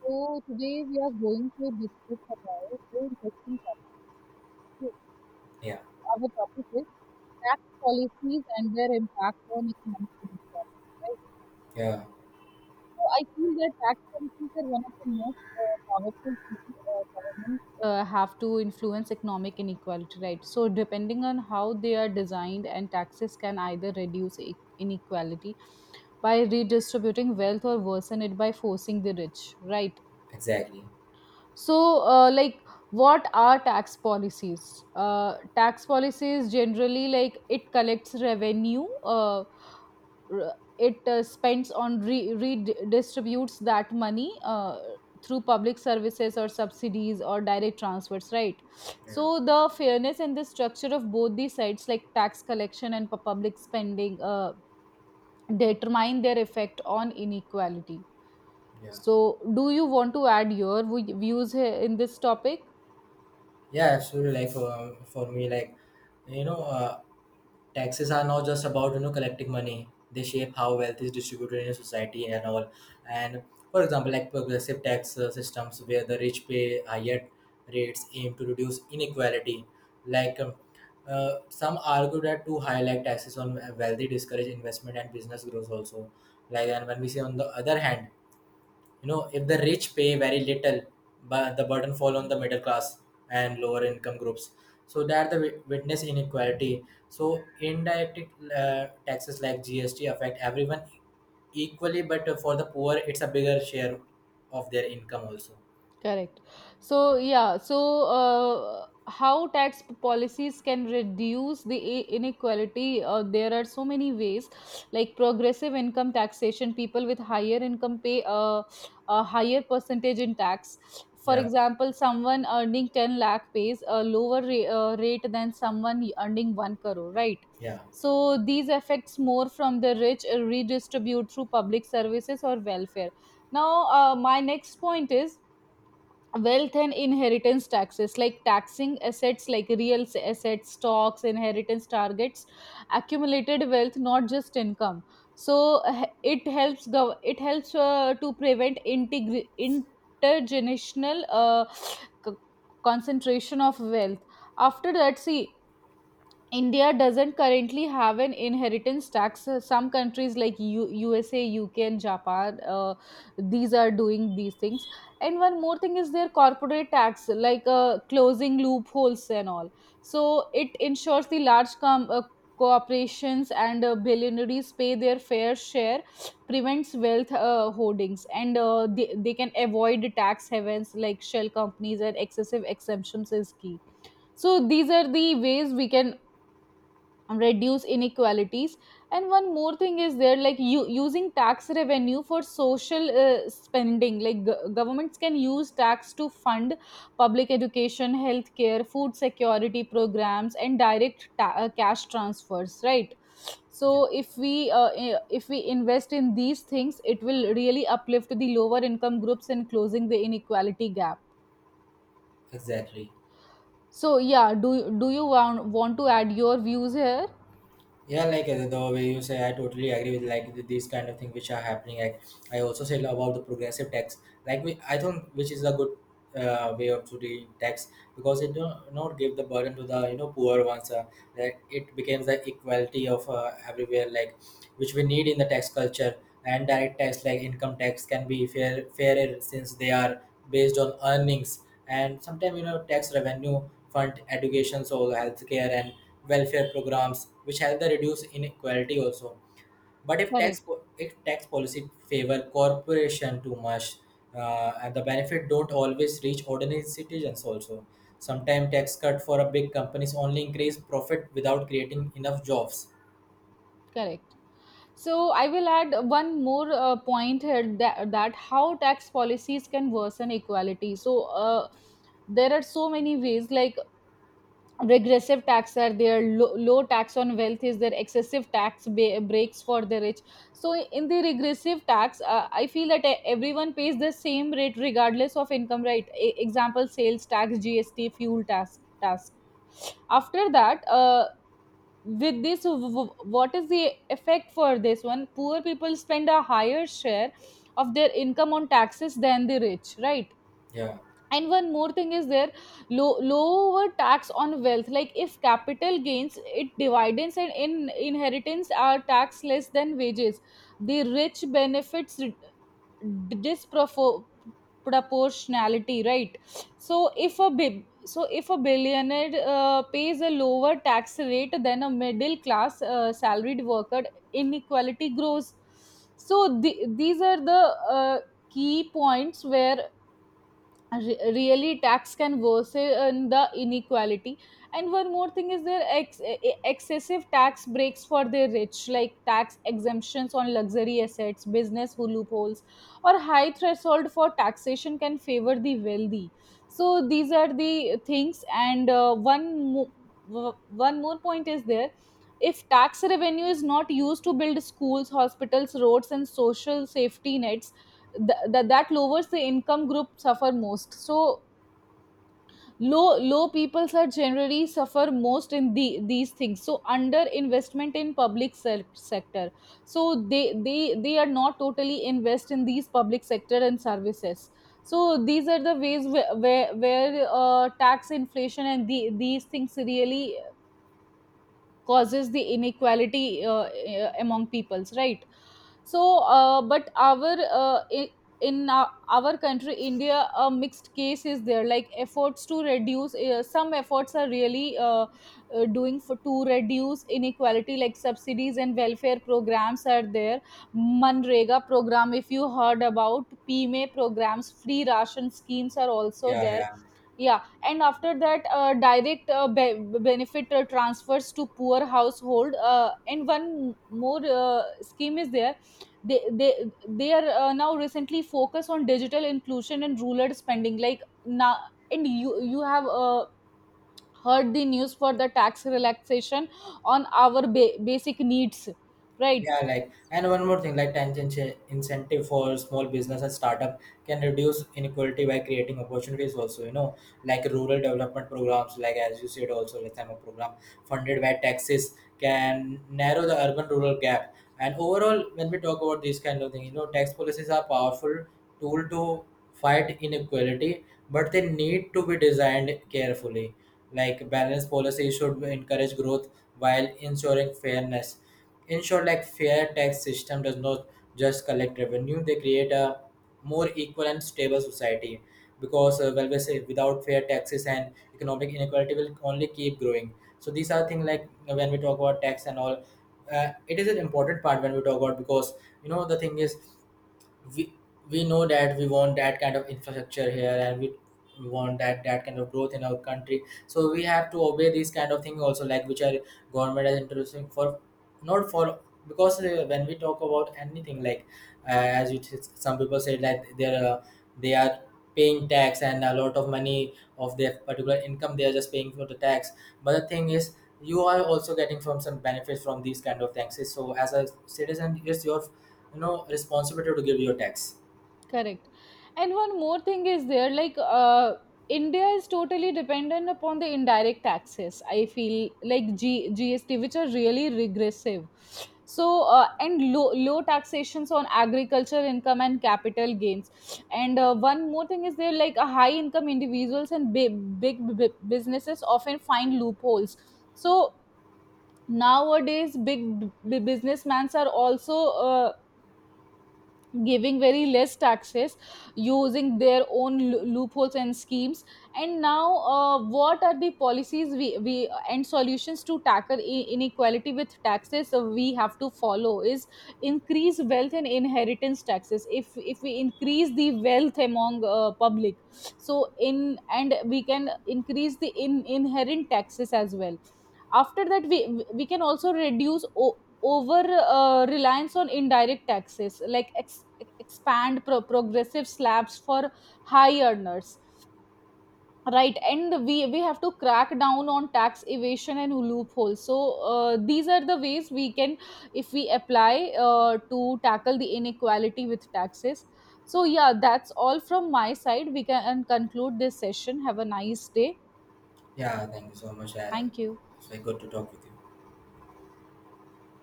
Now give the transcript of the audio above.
So today we are going to discuss about very interesting topic. So Yeah, our topic is tax policies and their impact on economic inequality, right? yeah, So I feel that tax policies are one of the most powerful tools governments have to influence economic inequality. Right. So depending on how they are designed, and taxes can either reduce inequality by redistributing wealth or worsen it by forcing the rich. Right. exactly. So, like, what are tax policies? Tax policies generally like it collects revenue. It spends on redistributes that money through public services or subsidies or direct transfers, right? Yeah, So the fairness and the structure of both these sides, like tax collection and public spending, determine their effect on inequality. yeah, So, do you want to add your views here in this topic? yeah, absolutely. Like for me, like, you know, uh, taxes are not just about, collecting money. They shape how wealth is distributed in a society and all. And for example, like progressive tax systems where the rich pay higher rates aim to reduce inequality. Like um, some argue that too high like taxes on wealthy discourage investment and business growth also. Like, and when we say on the other hand, you know, if the rich pay very little, but the burden fall on the middle class and lower income groups. So that the witness inequality. So indirect taxes like GST affect everyone equally, but for the poor, it's a bigger share of their income also. Correct. So, yeah, so how tax policies can reduce the inequality? There are so many ways, like progressive income taxation, people with higher income pay a higher percentage in tax. For Yeah, example, someone earning 10 lakh pays a lower rate than someone earning 1 crore, right? yeah, So, these affects more from the rich redistribute through public services or welfare. Now, my next point is wealth and inheritance taxes like taxing assets like assets, stocks, inheritance. Targets accumulated wealth, not just income, so it helps it helps to prevent intergenerational c- concentration of wealth. After that, see, India doesn't currently have an inheritance tax. Some countries like USA, UK, and Japan, these are doing these things. And one more thing is their corporate tax, like closing loopholes and all. So it ensures the corporations and billionaires pay their fair share, prevents wealth hoardings, and they can avoid tax havens like shell companies, and excessive exemptions is key. So these are the ways we can reduce inequalities. And one more thing is there, like you using tax revenue for social spending, like governments can use tax to fund public education, healthcare, food security programs, and cash transfers, right? So yeah, if we if we invest in these things, it will really uplift the lower income groups in closing the inequality gap. exactly. So yeah, do you want to add your views here? Yeah, like the way you say, I totally agree with like these kind of things which are happening. Like I also said about the progressive tax, like I think which is a good way of to the tax because it don't not give the burden to the you know poor ones. Like it becomes the equality of everywhere, like which we need in the tax culture. And direct tax like income tax can be fairer since they are based on earnings. And sometimes you know tax revenue fund education so healthcare and welfare programs which help the reduce inequality also. But if Correct. Tax policy favor corporation too much and the benefit don't always reach ordinary citizens also. Sometimes tax cut for a big companies only increase profit without creating enough jobs. Correct. So I will add one more point here that, that how tax policies can worsen equality. So there are so many ways, like regressive tax are there, low tax on wealth is there, excessive breaks for the rich. So in the regressive tax, I feel that everyone pays the same rate regardless of income, right? Example, sales tax, GST, fuel tax. After that, with this what is the effect for this one, poor people spend a higher share of their income on taxes than the rich, right? Yeah, And one more thing is there, lower tax on wealth, like if capital gains, it dividends and in inheritance are tax less than wages, the rich benefits d- dispropor- proportionality, right? So if a bi- so if a billionaire pays a lower tax rate than a middle class salaried worker, inequality grows. So these are the uh, key points where really tax can worsen the inequality. And one more thing is there, excessive tax breaks for the rich, like tax exemptions on luxury assets, business loopholes, or high threshold for taxation can favor the wealthy. So these are the things, and one more point is there, if tax revenue is not used to build schools, hospitals, roads, and social safety nets, that lowers the income group suffer most. So low peoples are generally suffer most in the these things. So under investment in public sector, so they they are not totally invest in these public sector and services. So these are the ways where tax inflation and these things really causes the inequality among peoples, right? So but in our country India, a mixed case is there, like efforts to reduce some efforts are really doing for to reduce inequality, like subsidies and welfare programs are there, Manrega program, if you heard about PMA programs, free ration schemes are also yeah, there. yeah. Yeah, and after that direct benefit transfers to poor household, and one more scheme is there, they they are now recently focus on digital inclusion and rural spending, like now. And you have heard the news for the tax relaxation on our basic needs, right? Yeah, like, and one more thing, like tangential incentive for small business and startup can reduce inequality by creating opportunities also, you know, like rural development programs, like as you said also, like I'm a program funded by taxes can narrow the urban rural gap. And overall, when we talk about these kind of thing, you know, tax policies are powerful tool to fight inequality, but they need to be designed carefully. Like balanced policy should encourage growth while ensuring fairness, ensure like fair tax system does not just collect revenue, they create a more equal and stable society. Because well we say without fair taxes and economic inequality will only keep growing. So these are things like when we talk about tax and all, it is an important part when we talk about. Because you know the thing is we we know that we want that kind of infrastructure here and we want that kind of growth in our country. So we have to obey these kind of things also, like which are government is introducing for not for. Because when we talk about anything like as you some people say that they are paying tax and a lot of money of their particular income, they are just paying for the tax. But the thing is you are also getting from some benefits from these kind of taxes. So as a citizen it's your you know responsibility to give your tax. Correct. And one more thing is there, like India is totally dependent upon the indirect taxes. I feel like GST, which are really regressive. So and low taxations on agriculture income and capital gains. And one more thing is there, like a high income individuals and big businesses often find loopholes. So nowadays, big businessmen are also uh, giving very less taxes using their own loopholes and schemes. And now, what are the policies we and solutions to tackle inequality with taxes we have to follow is increase wealth and inheritance taxes. If we increase the wealth among public, so in, and we can increase the inherent taxes as well. After that, we can also reduce o- over reliance on indirect taxes, like expand progressive slabs for high earners, right? And we have to crack down on tax evasion and loopholes. So these are the ways we can, if we apply to tackle the inequality with taxes. So yeah, that's all from my side. We can conclude this session. Have a nice day. Yeah, thank you so much. I, Thank you. it's like good to talk with you.